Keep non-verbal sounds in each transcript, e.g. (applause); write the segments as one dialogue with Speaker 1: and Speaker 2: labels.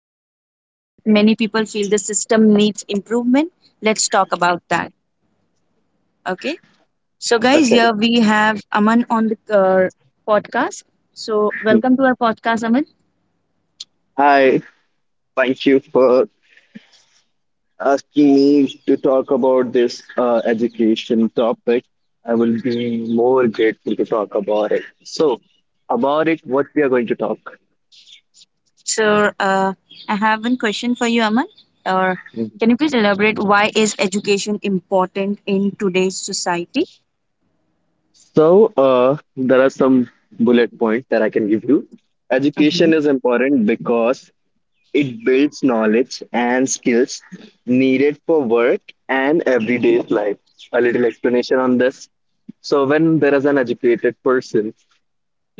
Speaker 1: our future, but many people feel the system needs improvement. Let's talk about that. Okay. So, guys,
Speaker 2: Okay.
Speaker 1: here we have Aman on the podcast. So, welcome to our podcast, Aman.
Speaker 2: Hi. Thank you for asking me to talk about this education topic. I will be more grateful to talk about it. So, about it, what we are going to talk.
Speaker 1: So, I have one question for you, Aman. Or
Speaker 2: Mhm.
Speaker 1: can you please elaborate why is education important in today's society?
Speaker 2: So, there are some bullet points that I can give you.
Speaker 1: Mm-hmm.
Speaker 2: Education is important because it builds knowledge and skills needed for work and everyday life. A little explanation on this. So, when there is an educated person,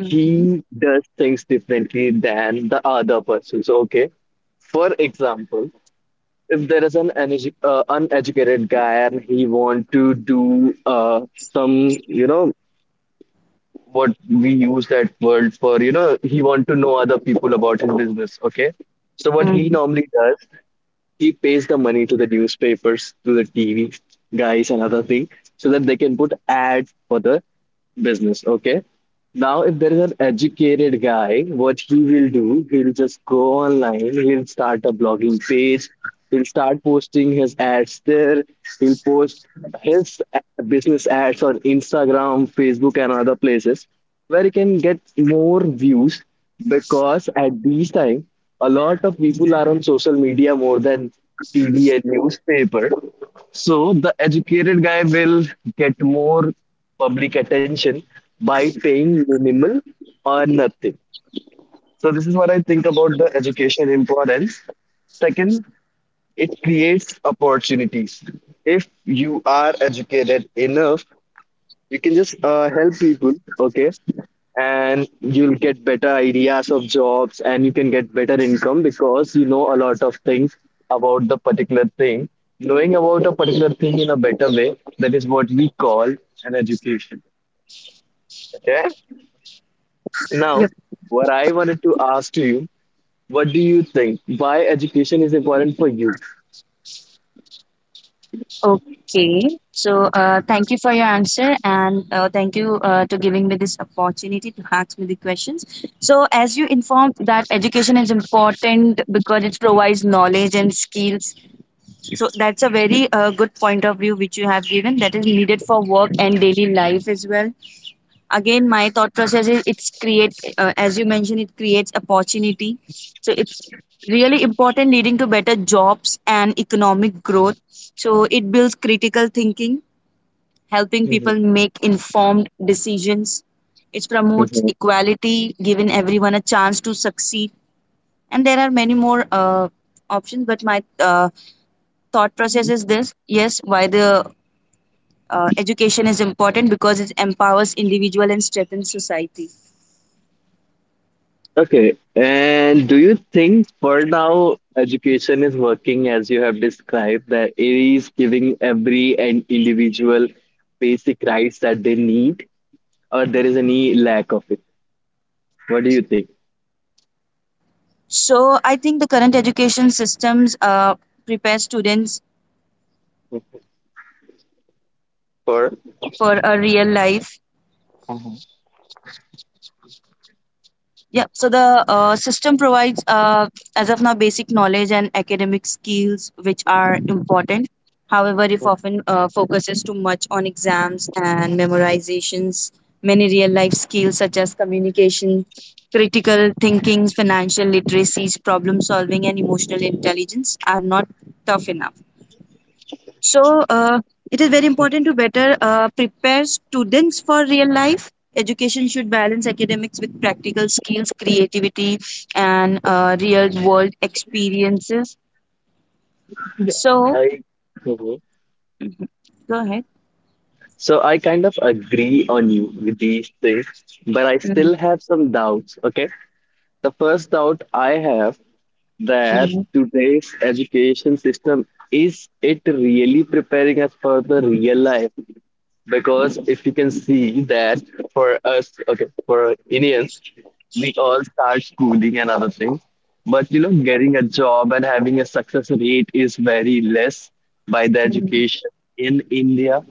Speaker 1: Mm-hmm.
Speaker 2: does things differently than the other persons. Okay, for example, if there is an uneducated guy and he want to do some, you know, what we use that word for, you know, he want to know other people about his business. Okay, so what he
Speaker 1: Mm-hmm.
Speaker 2: normally does, he pays the money to the newspapers, to the TV guys, and other thing, so that they can put ads for the business. Okay, now, if there is an educated guy, what he will do, he'll just go online, he'll start a blogging page, he'll start posting his ads there, he'll post his business ads on Instagram, Facebook, and other places where he can get more views because at these time, a lot of people are on social media more than TV and newspaper. So the educated guy will get more public attention by paying minimal or nothing. So this is what I think about the education importance. Second, it creates opportunities. If you are educated enough, you can just help people, okay, and you'll get better ideas of jobs and you can get better income because you know a lot of things about the particular thing, knowing about a particular thing in a better way, that is what we call an education. Okay, now, what I wanted to ask to you, what do you think, why education is important for you?
Speaker 1: Okay. So, thank you for your answer and thank you to giving me this opportunity to ask me the questions. So, as you informed that education is important because it provides knowledge and skills. So, that's a very good point of view which you have given that is needed for work and daily life as well. Again, my thought process is it's create as you mentioned, it creates opportunity, so it's really important, leading to better jobs and economic growth. So it builds critical thinking, helping people
Speaker 2: Mhm,
Speaker 1: make informed decisions. It promotes
Speaker 2: mhm.
Speaker 1: equality, giving everyone a chance to succeed. And there are many more options, but my thought process is this. Yes, why the education is important because it empowers individual and strengthens society.
Speaker 2: Okay. And do you think for now education is working as you have described, that it is giving every and individual basic rights that they need, or there is any lack of it? What do you think?
Speaker 1: So I think the current education systems prepare students
Speaker 2: For
Speaker 1: for a real life. Yeah. So the system provides, as of now, basic knowledge and academic skills, which are important. However, if often focuses too much on exams and memorizations, many real life skills such as communication, critical thinking, financial literacies, problem solving, and emotional intelligence are not tough enough. So it is very important to better prepare students for real life. Education should balance academics with practical skills, creativity, and real world experiences. So
Speaker 2: I Mhm.
Speaker 1: mhm, go ahead.
Speaker 2: So I kind of agree on you with these things, but I still
Speaker 1: Mm,
Speaker 2: have some doubts. Okay. The first doubt I have, that
Speaker 1: mm,
Speaker 2: today's education system, is it really preparing us for the real life? Because if you can see that for us, okay, for Indians, we all start schooling and other things. But you know, getting a job and having a success rate is very less by the
Speaker 1: mm,
Speaker 2: education in India.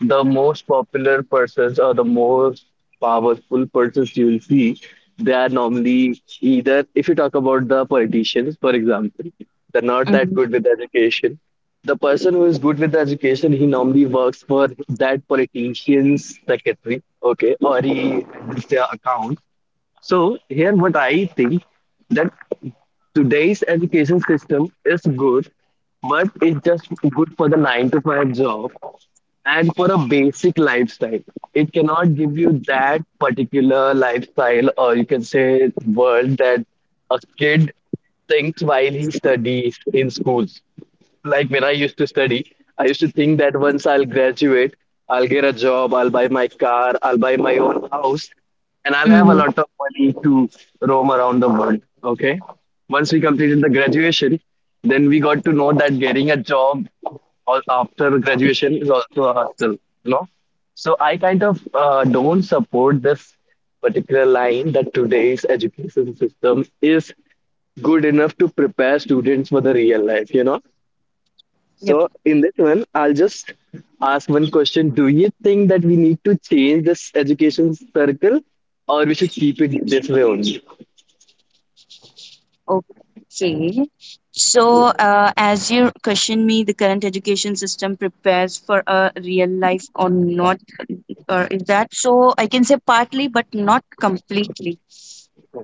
Speaker 2: The most popular persons or the most powerful persons you will see, they are normally either, if you talk about the politicians, for example, they're not that
Speaker 1: mm,
Speaker 2: good with education. The person who is good with education, he normally works for that politician's secretary, okay, or he handles their account. So here, what I think, that today's education system is good, but it's just good for the nine to five job and for a basic lifestyle. It cannot give you that particular lifestyle or you can say world that a kid thinks while he studies in schools. Like when I used to study, I used to think that once I'll graduate, I'll get a job, I'll buy my car, I'll buy my own house, and I'll have a
Speaker 1: mm.
Speaker 2: lot of money to roam around the world. Okay. Once we completed the graduation, then we got to know that getting a job after graduation is also a hustle, you know. So I kind of don't support this particular line that today's education system is good enough to prepare students for the real life, you know.
Speaker 1: Yep.
Speaker 2: So in this one, I'll just ask one question. Do you think that we need to change this education circle or we should keep it this way only?
Speaker 1: Okay. So, as you question me, the current education system prepares for a real life or not, or is that so? I can say partly, but not completely.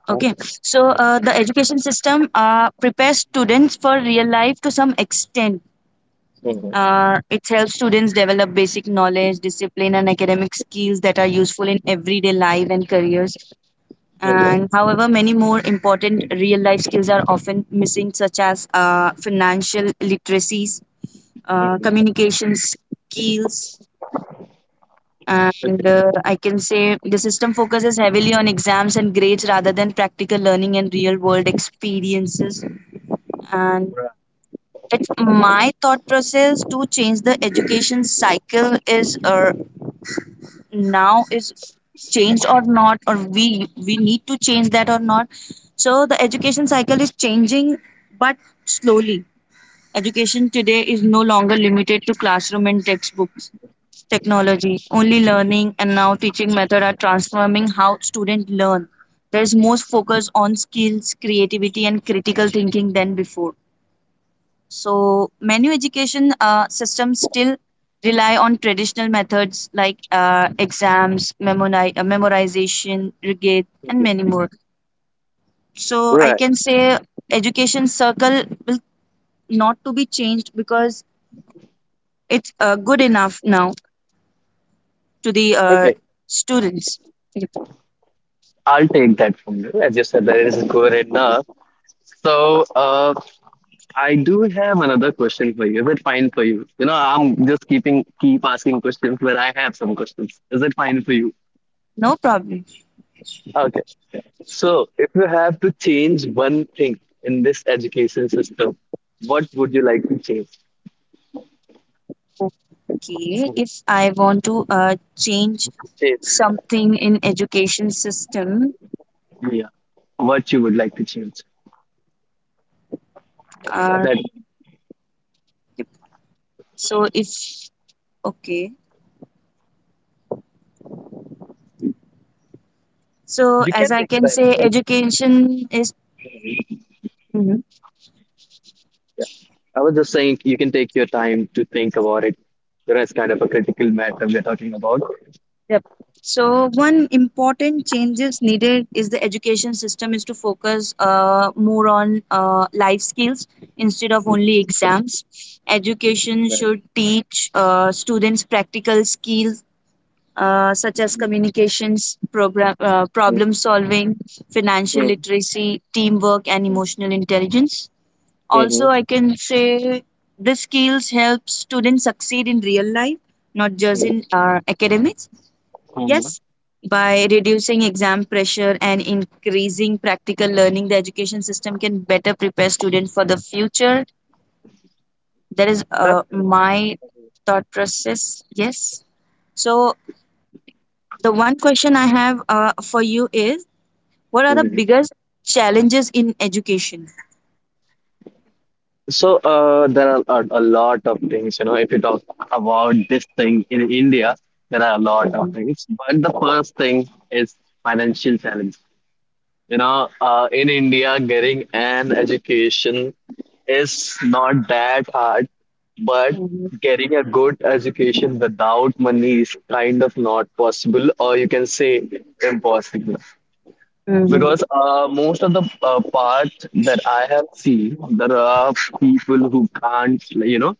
Speaker 1: Okay. So, the education system prepares students for real life to some extent. It helps students develop basic knowledge, discipline, and academic skills that are useful in everyday life and careers.
Speaker 2: Mhm.
Speaker 1: And however, many more important real life skills are often missing, such as financial literacies, communications skills,
Speaker 2: Okay.
Speaker 1: and I can say the system focuses heavily on exams and grades rather than practical learning and real world experiences. And it's my thought process to change the education cycle is now is changed or not or we need to change that or not. So the education cycle is changing, but slowly. Education today is no longer limited to classroom and textbooks. Technology only learning and now teaching method are transforming how students learn. There is more focus on skills, creativity and critical thinking than before. So many education systems still rely on traditional methods like exams, memorization, regate, and many
Speaker 2: Mhm.
Speaker 1: more. So I
Speaker 2: Right.
Speaker 1: can say education circle will not to be changed because it's good enough now to the
Speaker 2: Okay.
Speaker 1: students. Yep.
Speaker 2: I'll take that from you. As you said, that it is good enough. So I do have another question for you. Is it fine for you? You know, I'm just keep asking questions where I have some questions. Is it fine for
Speaker 1: No problem.
Speaker 2: you? So, if you have to change one thing in this education system, what would you like to change?
Speaker 1: Okay, if I want to change
Speaker 2: Change.
Speaker 1: something in education system,
Speaker 2: Yeah. What you would like to change?
Speaker 1: uh,
Speaker 2: That
Speaker 1: yep. so if okay So,
Speaker 2: you
Speaker 1: as
Speaker 2: can
Speaker 1: I
Speaker 2: take your
Speaker 1: can
Speaker 2: time to
Speaker 1: say,
Speaker 2: think.
Speaker 1: education is. Mhm.
Speaker 2: Yeah. I was just saying you can take your time to think about it. There is kind of a critical matter we are talking about.
Speaker 1: Yep. So, one important changes needed is the education system is to focus more on life skills instead of
Speaker 2: Mhm.
Speaker 1: only exams. Education
Speaker 2: Right.
Speaker 1: should teach students practical skills such as
Speaker 2: Mm-hmm.
Speaker 1: communications, problem solving, financial
Speaker 2: Mm-hmm.
Speaker 1: literacy, teamwork, and emotional intelligence. Also, I can say these skills help students succeed in real life, not just in academics.
Speaker 2: Mm-hmm.
Speaker 1: Yes, by reducing exam pressure and increasing practical learning, the education system can better prepare students for the future. That is
Speaker 2: That's.
Speaker 1: my thought process. Yes. So, the one question I have for you is what are the biggest challenges in education?
Speaker 2: So there are a lot of things, you know, if you talk about this thing in India, there are a lot of
Speaker 1: Mhm.
Speaker 2: things. But the first thing is financial challenge. You know, in India, getting an education is not that hard, but
Speaker 1: Mhm.
Speaker 2: getting a good education without money is kind of not possible, or you can say impossible.
Speaker 1: Mhm.
Speaker 2: Because most of the part that I have seen, there are people who can't, like, you know,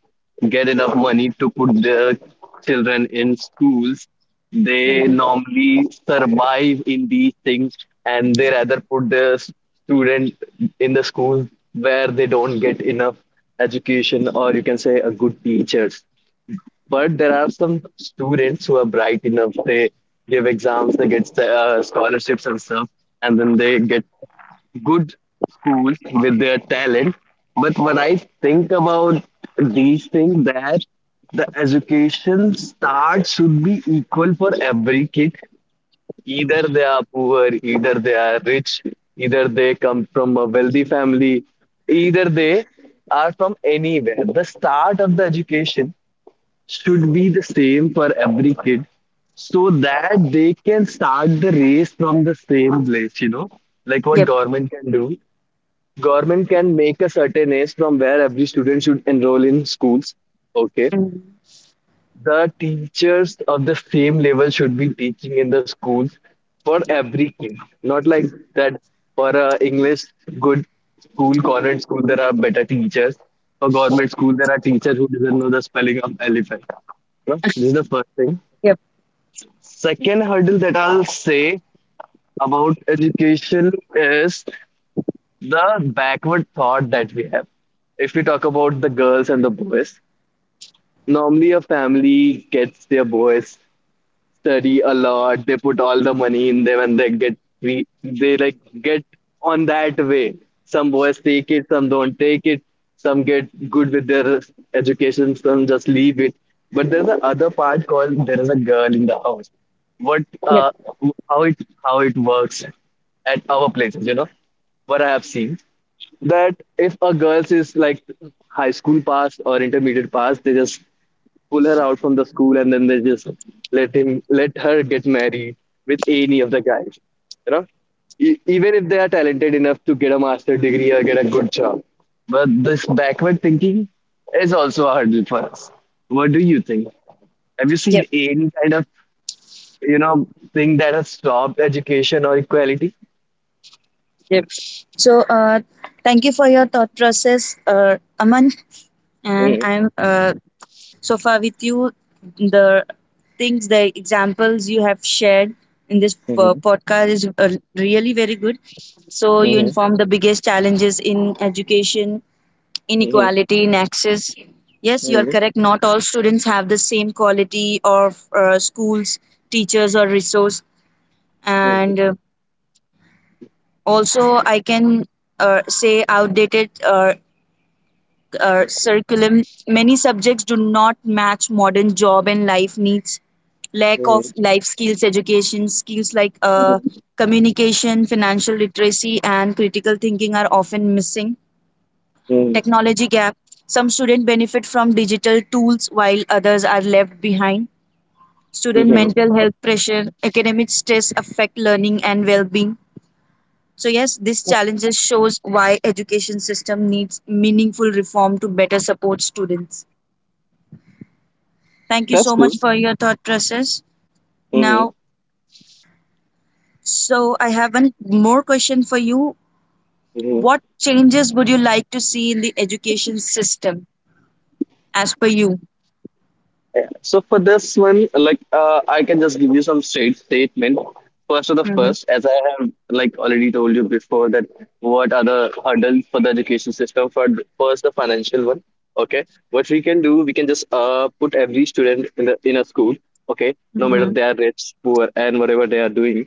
Speaker 2: get enough money to put their children in schools. They
Speaker 1: Mhm.
Speaker 2: normally survive in these things, and they rather put their student in the school where they don't get enough education, or you can say a good teacher. But there are some students who are bright enough. They give exams, they get scholarships and stuff, and then they get good schools with their talent. But when I think about these things, that the education start should be equal for every kid. Either they are poor, either they are rich, either they come from a wealthy family, either they are from anywhere. The start of the education should be the same for every kid so that they can start the race from the same place, you know. Like what
Speaker 1: Yep.
Speaker 2: government can do, government can make a certain age from where every student should enroll in schools. Okay,
Speaker 1: Mhm.
Speaker 2: the teachers of the same level should be teaching in the schools for every kid, not like that, for a english good school, convent school, there are better teachers, for government school there are teachers who doesn't know the spelling of elephant. No? This is the first thing.
Speaker 1: Yep.
Speaker 2: Second hurdle that I'll say about education is the backward thought that we have. If we talk about the girls and the boys, normally a family gets their boys study a lot. They put all the money in them and they get we, they like, get on that way. Some boys take it, some don't take it, some get good with their education, some just leave it. But there's a other part called there is a girl in the house. What
Speaker 1: Yep,
Speaker 2: how it, how it works at our places, you know, what I have seen, that if a girl is like high school pass or intermediate pass, they just pull her out from the school and then they just let her get married with any of the guys, you know. Even if they are talented enough to get a master degree or get a good job, but this backward thinking is also a hurdle for us. What do you think, have you seen
Speaker 1: yep,
Speaker 2: any kind of, you know, thing that has stopped education or equality?
Speaker 1: yep. So, thank you for your thought process, Aman. And
Speaker 2: Mm-hmm.
Speaker 1: I'm so far with you. The the examples you have shared in this podcast is really very good. So, you inform the biggest challenges in education, inequality in access. Yes, you are correct. Not all students have the same quality of schools, teachers, or resource. And also, I can say outdated curriculum. Many subjects do not match modern job and life needs. Lack
Speaker 2: Mm-hmm.
Speaker 1: of life skills education, skills like communication, financial literacy, and critical thinking are often missing. Technology gap. Some students benefit from digital tools while others are left behind. Student
Speaker 2: Mm-hmm.
Speaker 1: mental health pressure, academic stress affect learning and well being. So yes, this challenges shows why education system needs meaningful reform to better support students. Thank you
Speaker 2: That's
Speaker 1: so
Speaker 2: good.
Speaker 1: much for your thought process.
Speaker 2: Mm-hmm.
Speaker 1: Now, so I have one more question for you. What changes would you like to see in the education system as per you?
Speaker 2: So for this one, like I can just give you some straight statement. First of the
Speaker 1: Mm-hmm.
Speaker 2: first, as I have like already told you before, that what are the hurdles for the education system? First, the financial one. Okay, what we can do, we can just put every student in the in a school. Okay, no matter
Speaker 1: Mm-hmm.
Speaker 2: they are rich, poor, and whatever they are doing,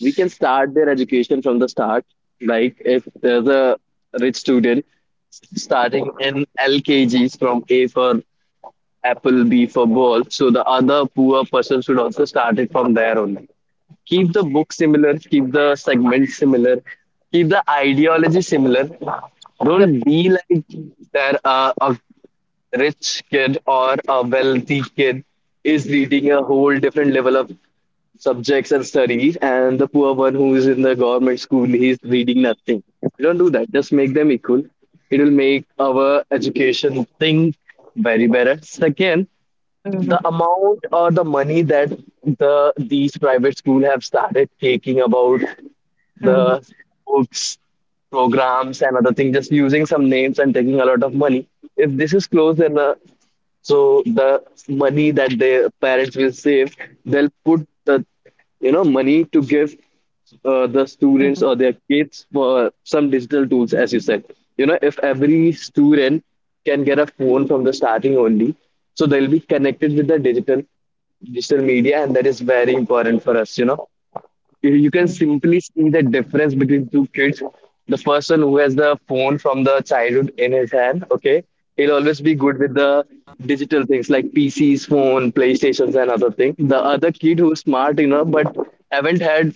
Speaker 2: we can start their education from the start. Like if there's a rich student starting in LKGs from A for apple, b for ball, so the other poor person should also start it from there only. Keep the book similar, keep the segment similar, keep the ideology similar.
Speaker 1: Yep.
Speaker 2: Don't be like there a rich kid or a wealthy kid is reading a whole different level of subjects and studies and the poor one who is in the government school he is reading nothing. Don't do that, just make them equal. It will make our education thing very better. Second, the
Speaker 1: Mm-hmm.
Speaker 2: amount or the money that the these private school have started taking about
Speaker 1: Mm-hmm.
Speaker 2: the books, programs and other things, just using some names and taking a lot of money, if this is closed enough, so the money that their parents will save, they'll put the, you know, money to give the students
Speaker 1: Mm-hmm.
Speaker 2: or their kids for some digital tools, as you said. You know, if every student can get a phone from the starting only, so they'll be connected with the digital media, and that is very important for us. You know, you can simply see the difference between two kids. The person who has the phone from the childhood in his hand, okay, he'll always be good with the digital things like PCs, phone, PlayStations, and other things. The other kid who's smart enough but haven't had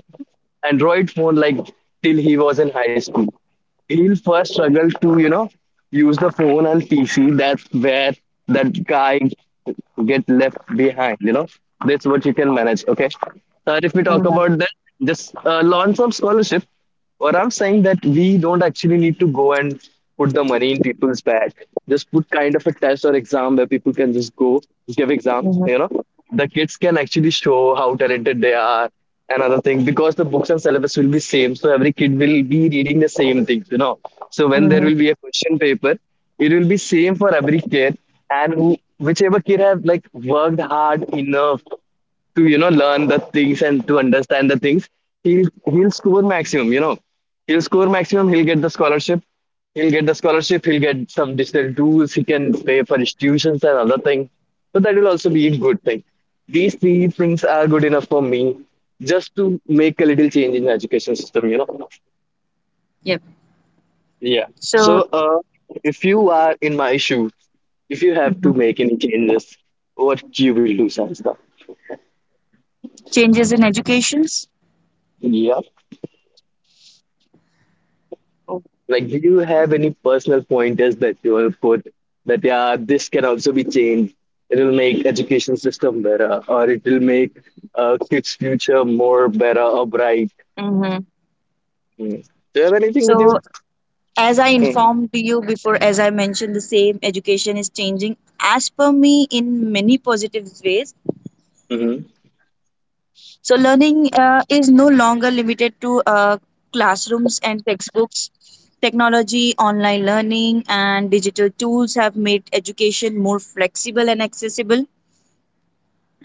Speaker 2: Android phone like till he was in high school, he'll first struggle to use the phone and pc. That's where that guy get left behind. That's what you can manage, okay, but if we talk
Speaker 1: Mm-hmm.
Speaker 2: about that, just launch of scholarship, what I'm saying that we don't actually need to go and put the money in people's bag. Just put kind of a test or exam where people can just go give exams.
Speaker 1: Mm-hmm.
Speaker 2: The kids can actually show how talented they are. And other thing, because the books and syllabus will be same, so every kid will be reading the same things. So when there
Speaker 1: Mm-hmm.
Speaker 2: will be a question paper, it will be same for every kid. And whichever kid have like worked hard enough to learn the things and to understand the things, he'll he'll score maximum. He'll score maximum, he'll get the scholarship.
Speaker 1: Mm-hmm.
Speaker 2: He'll get the scholarship, he'll get some digital tools, he can pay for his tuitions and other things, so that will also be a good thing. These three things are good enough for me, just to make a little change in the education system.
Speaker 1: Yep.
Speaker 2: Yeah. So
Speaker 1: So,
Speaker 2: uh, if you are in my shoes, if you have to
Speaker 1: mhm,
Speaker 2: make any changes, what you will do, Sansa?
Speaker 1: changes in educations.
Speaker 2: Yeah.
Speaker 1: Oh.
Speaker 2: Like, do you have any personal pointers that you will put that, yeah, this can also be changed? It'll make education system better, or it'll make kids' future more better or bright.
Speaker 1: Mm-hmm.
Speaker 2: Mm. Do you have anything with you?
Speaker 1: So as I informed you before, as I mentioned, the same education is changing as per me in many positive ways.
Speaker 2: Mm-hmm.
Speaker 1: So, learning is no longer limited to classrooms and textbooks. Technology, online learning, and digital tools have made education more flexible and accessible.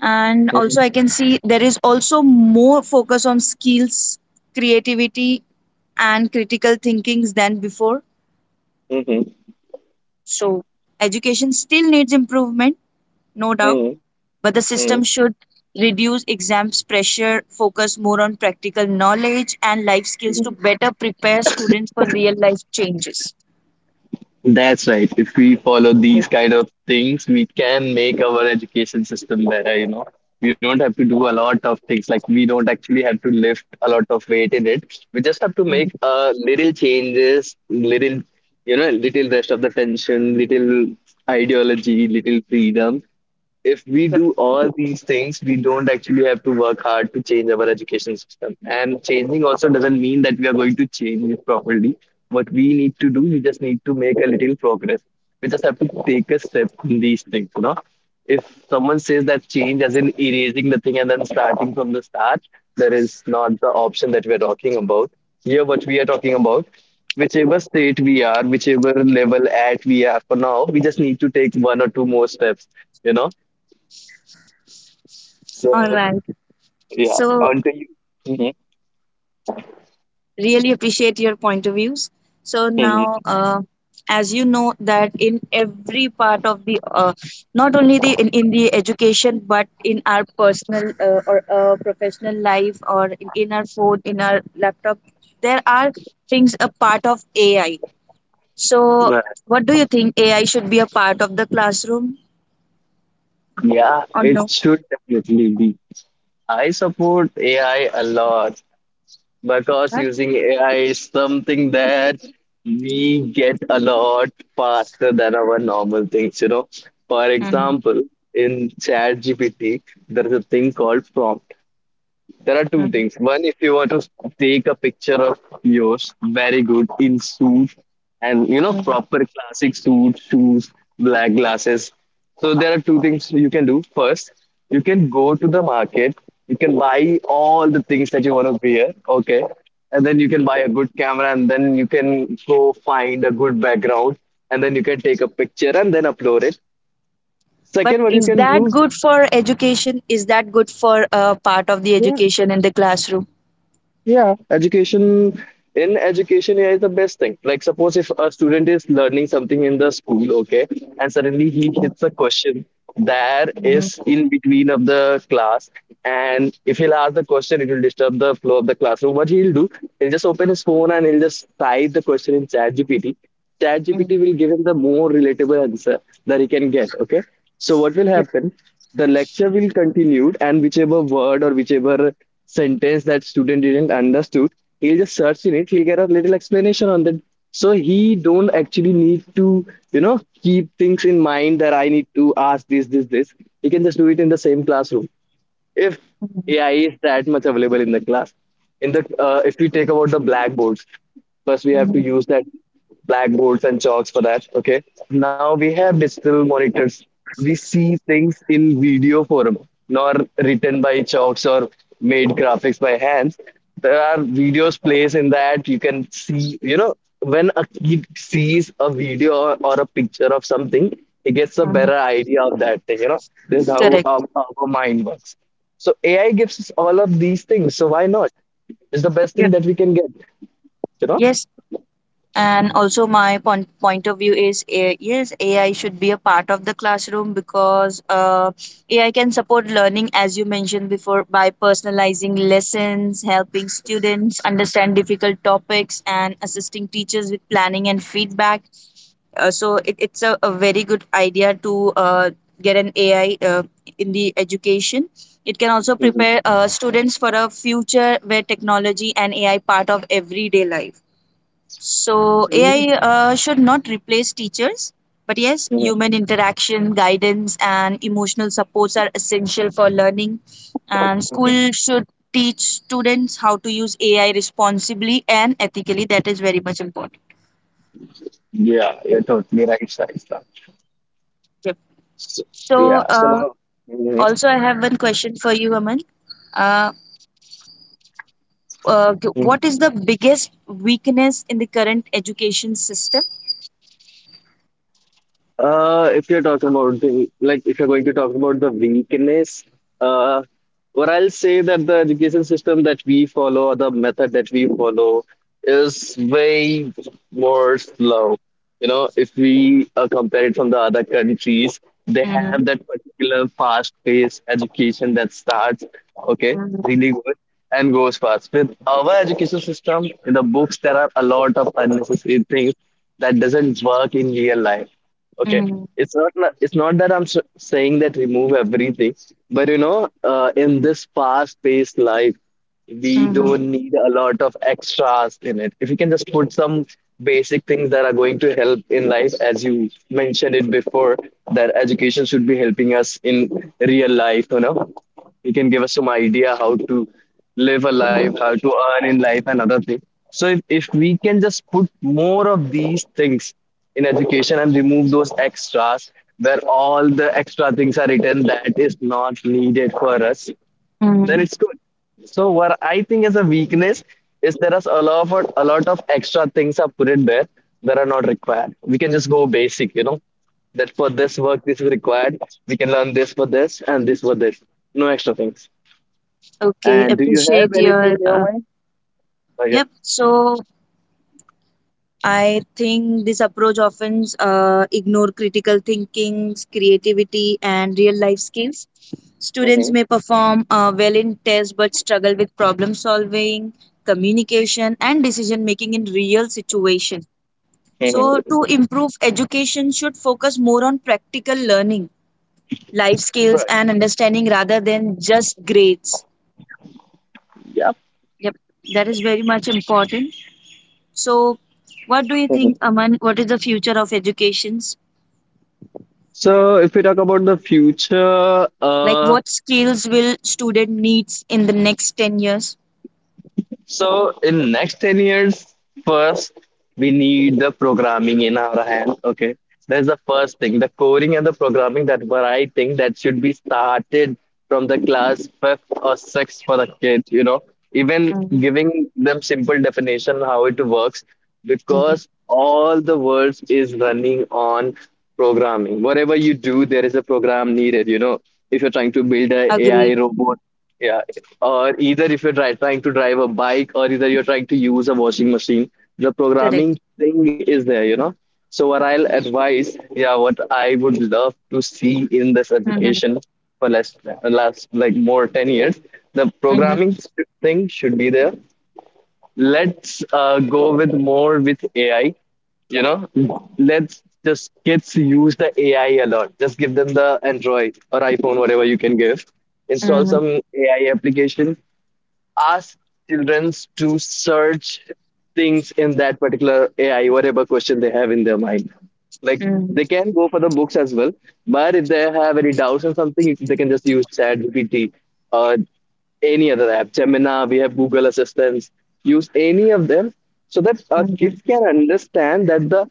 Speaker 1: And also,
Speaker 2: Mm-hmm.
Speaker 1: I can see there is also more focus on skills, creativity, and critical thinkings than before. So, education still needs improvement, no doubt,
Speaker 2: Mm-hmm.
Speaker 1: but the
Speaker 2: Mm-hmm.
Speaker 1: system should reduce exams pressure, focus more on practical knowledge and life skills to better prepare students for real life changes.
Speaker 2: That's right. If we follow
Speaker 1: Yep.
Speaker 2: these kind of things, we can make our education system better, you know. We don't have to do a lot of things. Like, we don't actually have to lift a lot of weight in it. We just have to make
Speaker 1: Mhm.
Speaker 2: little changes, little, you know, little rest of the tension, little ideology, little freedom. If we
Speaker 1: Yep.
Speaker 2: do all these things, we don't actually have to work hard to change our education system. And changing also doesn't mean that we are going to change it properly. What we need to do, we just need to make a little progress. We just have to take a step in these things, you know. If someone says that change as in erasing the thing and then starting from the start, that is not the option that we are talking about. Here, what we are talking about, whichever state we are, whichever level at we are for now, we just need to take one or two more steps. You know.
Speaker 1: All
Speaker 2: So,
Speaker 1: right.
Speaker 2: yeah,
Speaker 1: So
Speaker 2: onto you. Mhm,
Speaker 1: really appreciate your point of views. So
Speaker 2: mhm.
Speaker 1: now as you know that in every part of the not only the in the education but in our personal or professional life or in our phone in our laptop, there are things a part of AI. So
Speaker 2: But
Speaker 1: what do you think, AI should be a part of the classroom
Speaker 2: yeah,
Speaker 1: or
Speaker 2: it
Speaker 1: no?
Speaker 2: should definitely be. I support AI a lot, because
Speaker 1: Huh?
Speaker 2: using AI is something that we get a lot faster than our normal things, you know. For
Speaker 1: Mhm.
Speaker 2: example, in ChatGPT, there is a thing called prompt. There are two things. One, if you want to take a picture of yours, very good in suit and you know
Speaker 1: Mhm.
Speaker 2: proper classic suit, shoes, black glasses. So there are two things you can do. First, you can go to the market. You can buy all the things that you want to wear. Okay, and then you can buy a good camera, and then you can go find a good background, and then you can take a picture and then upload it.
Speaker 1: But
Speaker 2: Second, what you
Speaker 1: is
Speaker 2: can
Speaker 1: that
Speaker 2: do?
Speaker 1: good for education? Is that good for part of the
Speaker 2: Yeah.
Speaker 1: education in the classroom?
Speaker 2: Yeah, education, in education, yeah, is the best thing. Like suppose if a student is learning something in the school, okay, and suddenly he
Speaker 1: Mhm,
Speaker 2: hits a question that
Speaker 1: mhm,
Speaker 2: is in between of the class, and if he'll ask the question, it will disturb the flow of the class. So what he'll do, he'll just open his phone and he'll just type the question in ChatGPT. ChatGPT
Speaker 1: mhm.
Speaker 2: will give him the more relatable answer that he can get. Okay. So what will
Speaker 1: Yep.
Speaker 2: happen? The lecture will continue, and whichever word or whichever sentence that student didn't understood, he'll just search in it. He'll get a little explanation on that. So he don't actually need to, you know, keep things in mind that I need to ask this, this, this. He can just do it in the same classroom if
Speaker 1: Mhm,
Speaker 2: AI is that much available in the class. In the if we take about the blackboards, first we have to
Speaker 1: mhm,
Speaker 2: use that blackboards and chalks for that. Okay. Now we have digital monitors. We see things in video form, nor written by chalks or made graphics by hands. There are videos plays in that you can see. You know, when a kid sees a video or a picture of something, he gets a
Speaker 1: mhm.
Speaker 2: better idea of that thing. This is how
Speaker 1: Correct.
Speaker 2: our mind works. So AI gives us all of these things. So why not? It's the best thing
Speaker 1: Yep.
Speaker 2: that we can get. You know.
Speaker 1: Yes. And also, my point of view is eh, yes, AI should be a part of the classroom because AI can support learning, as you mentioned before, by personalizing lessons, helping students understand difficult topics, and assisting teachers with planning and feedback. So it's a very good idea to get an AI in the education. It can also prepare students for a future where technology and AI part of everyday life. So
Speaker 2: Mm-hmm.
Speaker 1: AI should not replace teachers, but yes,
Speaker 2: Hmm.
Speaker 1: human interaction, guidance, and emotional supports are essential for learning. And school should teach students how to use AI responsibly and ethically. That is very much important.
Speaker 2: Yeah,
Speaker 1: Yep.
Speaker 2: you're totally right, Shaista.
Speaker 1: Yep.
Speaker 2: So,
Speaker 1: So,
Speaker 2: yeah. So now. Mhm.
Speaker 1: also, I have one question for you, Aman. Uh, what is the biggest weakness in the current education system?
Speaker 2: If you're talking about the like, if you're going to talk about the weakness, uh, what I'll say that the education system that we follow or the method that we follow is way more slow. You know, if we compare it from the other countries, they have
Speaker 1: Mm-hmm.
Speaker 2: that particular fast-paced education that starts okay, really good, and goes fast. With our education system, in the books, there are a lot of unnecessary things that doesn't work in real life, okay.
Speaker 1: Mm-hmm.
Speaker 2: It's not na- it's not that I'm saying that remove everything, but you know in this fast paced life we
Speaker 1: Mm-hmm.
Speaker 2: don't need a lot of extras in it. If you can just put some basic things that are going to help in life, as you mentioned it before, that education should be helping us in real life, you know, you can give us some idea how to live a life, how to earn in life, and other things. So if we can just put more of these things in education and remove those extras where all the extra things are written that is not needed for us, then
Speaker 1: Mm-hmm.
Speaker 2: it's good. So what I think is a weakness is there is a lot of extra things are put in there that are not required. We can just go basic, you know, that for this work this is required. We can learn this for this and this for this. No extra things.
Speaker 1: Okay,
Speaker 2: And do you have
Speaker 1: appreciate
Speaker 2: anything
Speaker 1: your.
Speaker 2: in your mind? Oh yeah.
Speaker 1: Yep. So I think this approach often ignore critical thinking, creativity, and real life skills. Students
Speaker 2: Mm-hmm.
Speaker 1: may perform well in tests but struggle with problem solving, communication, and decision making in real situations. So,
Speaker 2: Mm-hmm.
Speaker 1: to improve education, should focus more on practical learning, life skills,
Speaker 2: Right.
Speaker 1: and understanding rather than just grades.
Speaker 2: Yep.
Speaker 1: Yep, that is very much important. So, what do you think,
Speaker 2: Mm-hmm.
Speaker 1: Aman? What is the future of educations?
Speaker 2: So if we talk about the future,
Speaker 1: Like what skills will student needs in the next 10 years?
Speaker 2: so in next 10 years, first we need the programming in our hand. Okay. That's the first thing. The coding and the programming, that what I think that should be started from the class fifth or sixth for the kids, you know. Even
Speaker 1: Mhm,
Speaker 2: giving them simple definition how it works,
Speaker 1: mhm.
Speaker 2: because all the world is running on programming. Whatever you do, there is a program needed, you know. If you're trying to build a AI
Speaker 1: Agreed.
Speaker 2: robot, yeah, or either if you're trying to drive a bike, or either you're trying to use a washing machine, the
Speaker 1: Correct.
Speaker 2: programming thing is there, you know. So what I'll advise, yeah, what I would love to see in this
Speaker 1: Mhm,
Speaker 2: education for last like more 10 years, the
Speaker 1: mhm,
Speaker 2: programming thing should be there. Let's go with more with AI. You know, let's just kids use the AI a lot. Just give them the Android or iPhone, whatever you can give. Install
Speaker 1: mhm,
Speaker 2: some AI application, ask children to search things in that particular AI, whatever question they have in their mind. Like,
Speaker 1: mhm,
Speaker 2: they can go for the books as well, but if they have any doubts or something, if they can just use ChatGPT or any other app, Gemini. We have Google Assistants. Use any of them so that
Speaker 1: mhm,
Speaker 2: kids can understand that the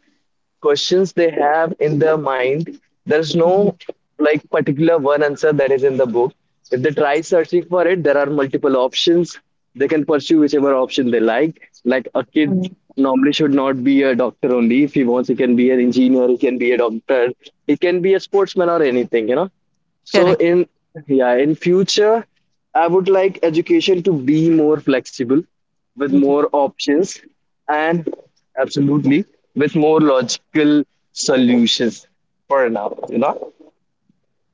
Speaker 2: questions they have in their mind, there's
Speaker 1: mhm,
Speaker 2: no like particular one answer that is in the book. If they try searching for it, there are multiple options. They can pursue whichever option they like. Like a kid
Speaker 1: mhm.
Speaker 2: normally should not be a doctor only. If he wants, he can be an engineer, he can be a doctor, he can be a sportsman or anything, you know. So
Speaker 1: Correct.
Speaker 2: in, yeah, in future, I would like education to be more flexible, with
Speaker 1: Mhm.
Speaker 2: more options, and absolutely with more logical solutions for now, you know?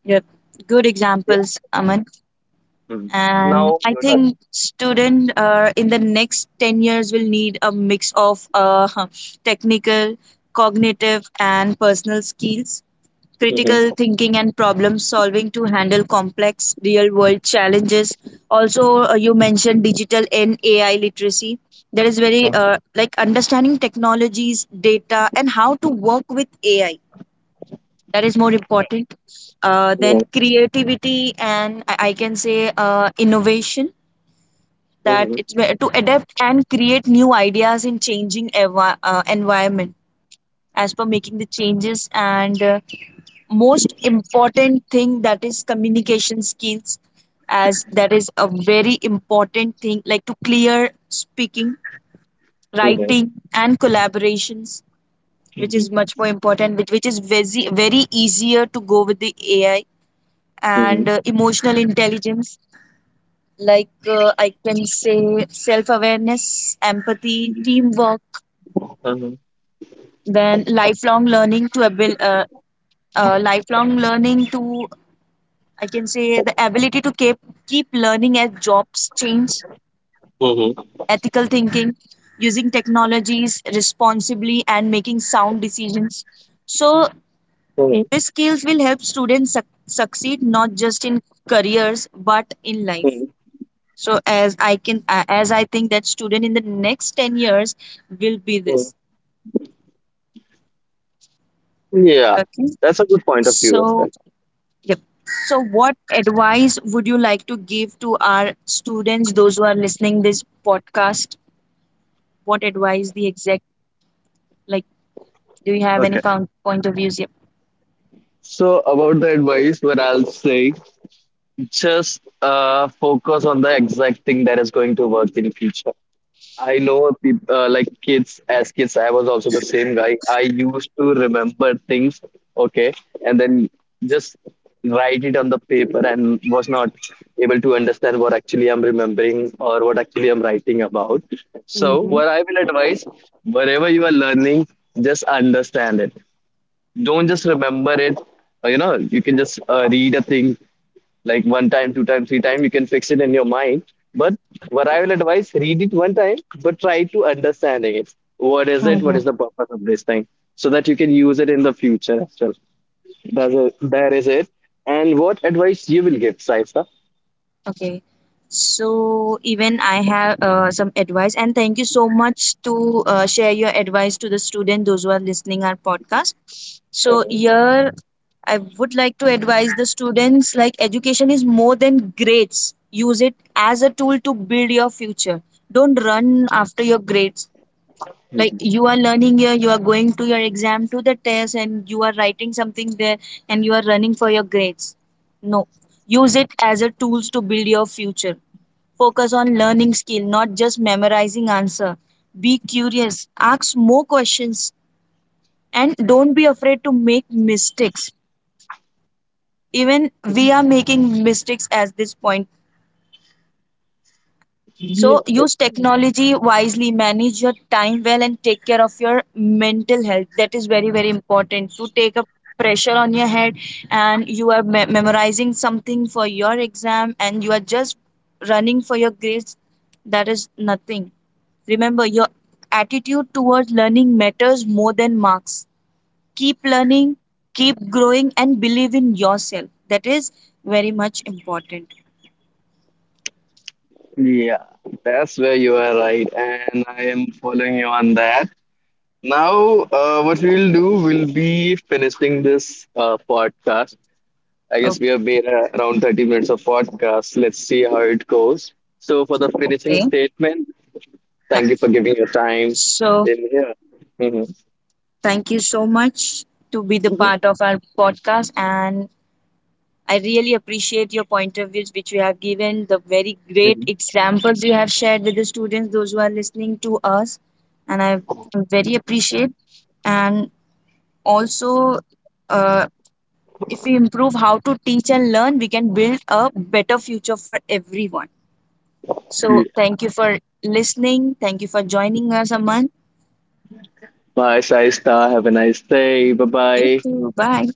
Speaker 1: Yep. Good
Speaker 2: Yeah.
Speaker 1: examples, Aman.
Speaker 2: Mhm.
Speaker 1: And
Speaker 2: Now
Speaker 1: I
Speaker 2: your turn.
Speaker 1: think student in the next 10 years will need a mix of (laughs) technical, cognitive, and personal skills. Critical
Speaker 2: Mhm.
Speaker 1: thinking and problem solving to handle complex real world challenges. Also you mentioned digital and AI literacy. That is very like understanding technologies, data and how to work with AI. That is more important.
Speaker 2: Mhm.
Speaker 1: Then creativity and I can say innovation. That
Speaker 2: Mhm.
Speaker 1: it's where to adapt and create new ideas in changing environment, as per making the changes. And most important thing, that is communication skills, as that is a very important thing, like to clear speaking,
Speaker 2: Mhm. Mhm.
Speaker 1: writing and collaborations, which is
Speaker 2: Mhm.
Speaker 1: much more important, which is very very easier to go with the AI. And
Speaker 2: Mhm.
Speaker 1: emotional intelligence, like I can say self awareness, empathy, teamwork.
Speaker 2: Mhm.
Speaker 1: Then lifelong learning to, I can say, the ability to keep learning as jobs change,
Speaker 2: Mhm.
Speaker 1: ethical thinking, using technologies responsibly, and making sound decisions. So
Speaker 2: Mhm.
Speaker 1: these skills will help students succeed not just in careers but in
Speaker 2: Mhm.
Speaker 1: life. So as as I think that student in the next 10 years will be this.
Speaker 2: Yeah,
Speaker 1: Okay.
Speaker 2: that's a good point of view as
Speaker 1: So
Speaker 2: well.
Speaker 1: yep. So what advice would you like to give to our students, those who are listening this podcast? What advice, the exact, like, do you have any
Speaker 2: Okay.
Speaker 1: point of views? Yep.
Speaker 2: So about the advice, what I'll say. Just focus on the exact thing that is going to work in future. I know peop like kids, as kids, I was also the same guy. I used to remember things, okay, and then just write it on the paper and was not able to understand what actually I'm remembering or what actually I'm writing about. So,
Speaker 1: Mm-hmm.
Speaker 2: what I will advise, wherever you are learning, just understand it. Don't just remember it. You know, you can just read a thing, like one time, two time, three time, you can fix it in your mind. But what I will advise, read it one time, but try to understanding it. What is it? What
Speaker 1: Mm-hmm.
Speaker 2: is the purpose of this thing? So that you can use it in the future as well. That's it. That is it. And what advice you will give, Saisa?
Speaker 1: Okay. So even I have some advice, and thank you so much to share your advice to the student those who are listening our podcast. So here, I would like to advise the students, like, education is more than grades. Use it as a tool to build your future. Don't run after your grades. Like, you are learning here, you are going to your exam, to the test, and you are writing something there, and you are running for your grades. No, use it as a tools to build your future. Focus on learning skill, not just memorizing answer. Be curious, ask more questions, and don't be afraid to make mistakes. Even we are making mistakes at this point.
Speaker 2: Yeah,
Speaker 1: So use
Speaker 2: that's
Speaker 1: technology wisely, manage your time well, and take care of your mental health. That is very, very important, to take a pressure on your head and you are memorizing something for your exam and you are just running for your grades. That is nothing. Remember, your attitude towards learning matters more than marks. Keep learning, keep growing, and believe in yourself. That is very much important.
Speaker 2: yeah, that's where you are right, and I am following you on that. Now, what we'll do, will be finishing this podcast. I
Speaker 1: O-
Speaker 2: guess we have made around 30 minutes of podcast. Let's see how it goes. So, for the finishing
Speaker 1: Okay.
Speaker 2: statement,
Speaker 1: Yeah.
Speaker 2: thank you for giving your time
Speaker 1: So
Speaker 2: in here. Mhm.
Speaker 1: thank you so much to be the part of our podcast, and I really appreciate your point of views which you have given, the very great examples you have shared with the students, those who are listening to us. And I very appreciate. And also, uh, if we improve how to teach and learn, we can build a better future for everyone. So
Speaker 2: (laughs)
Speaker 1: thank you for listening. Thank you for joining us, Aman.
Speaker 2: Bye, Shaista. Have a nice day. Bye
Speaker 1: You
Speaker 2: bye.
Speaker 1: too. Bye.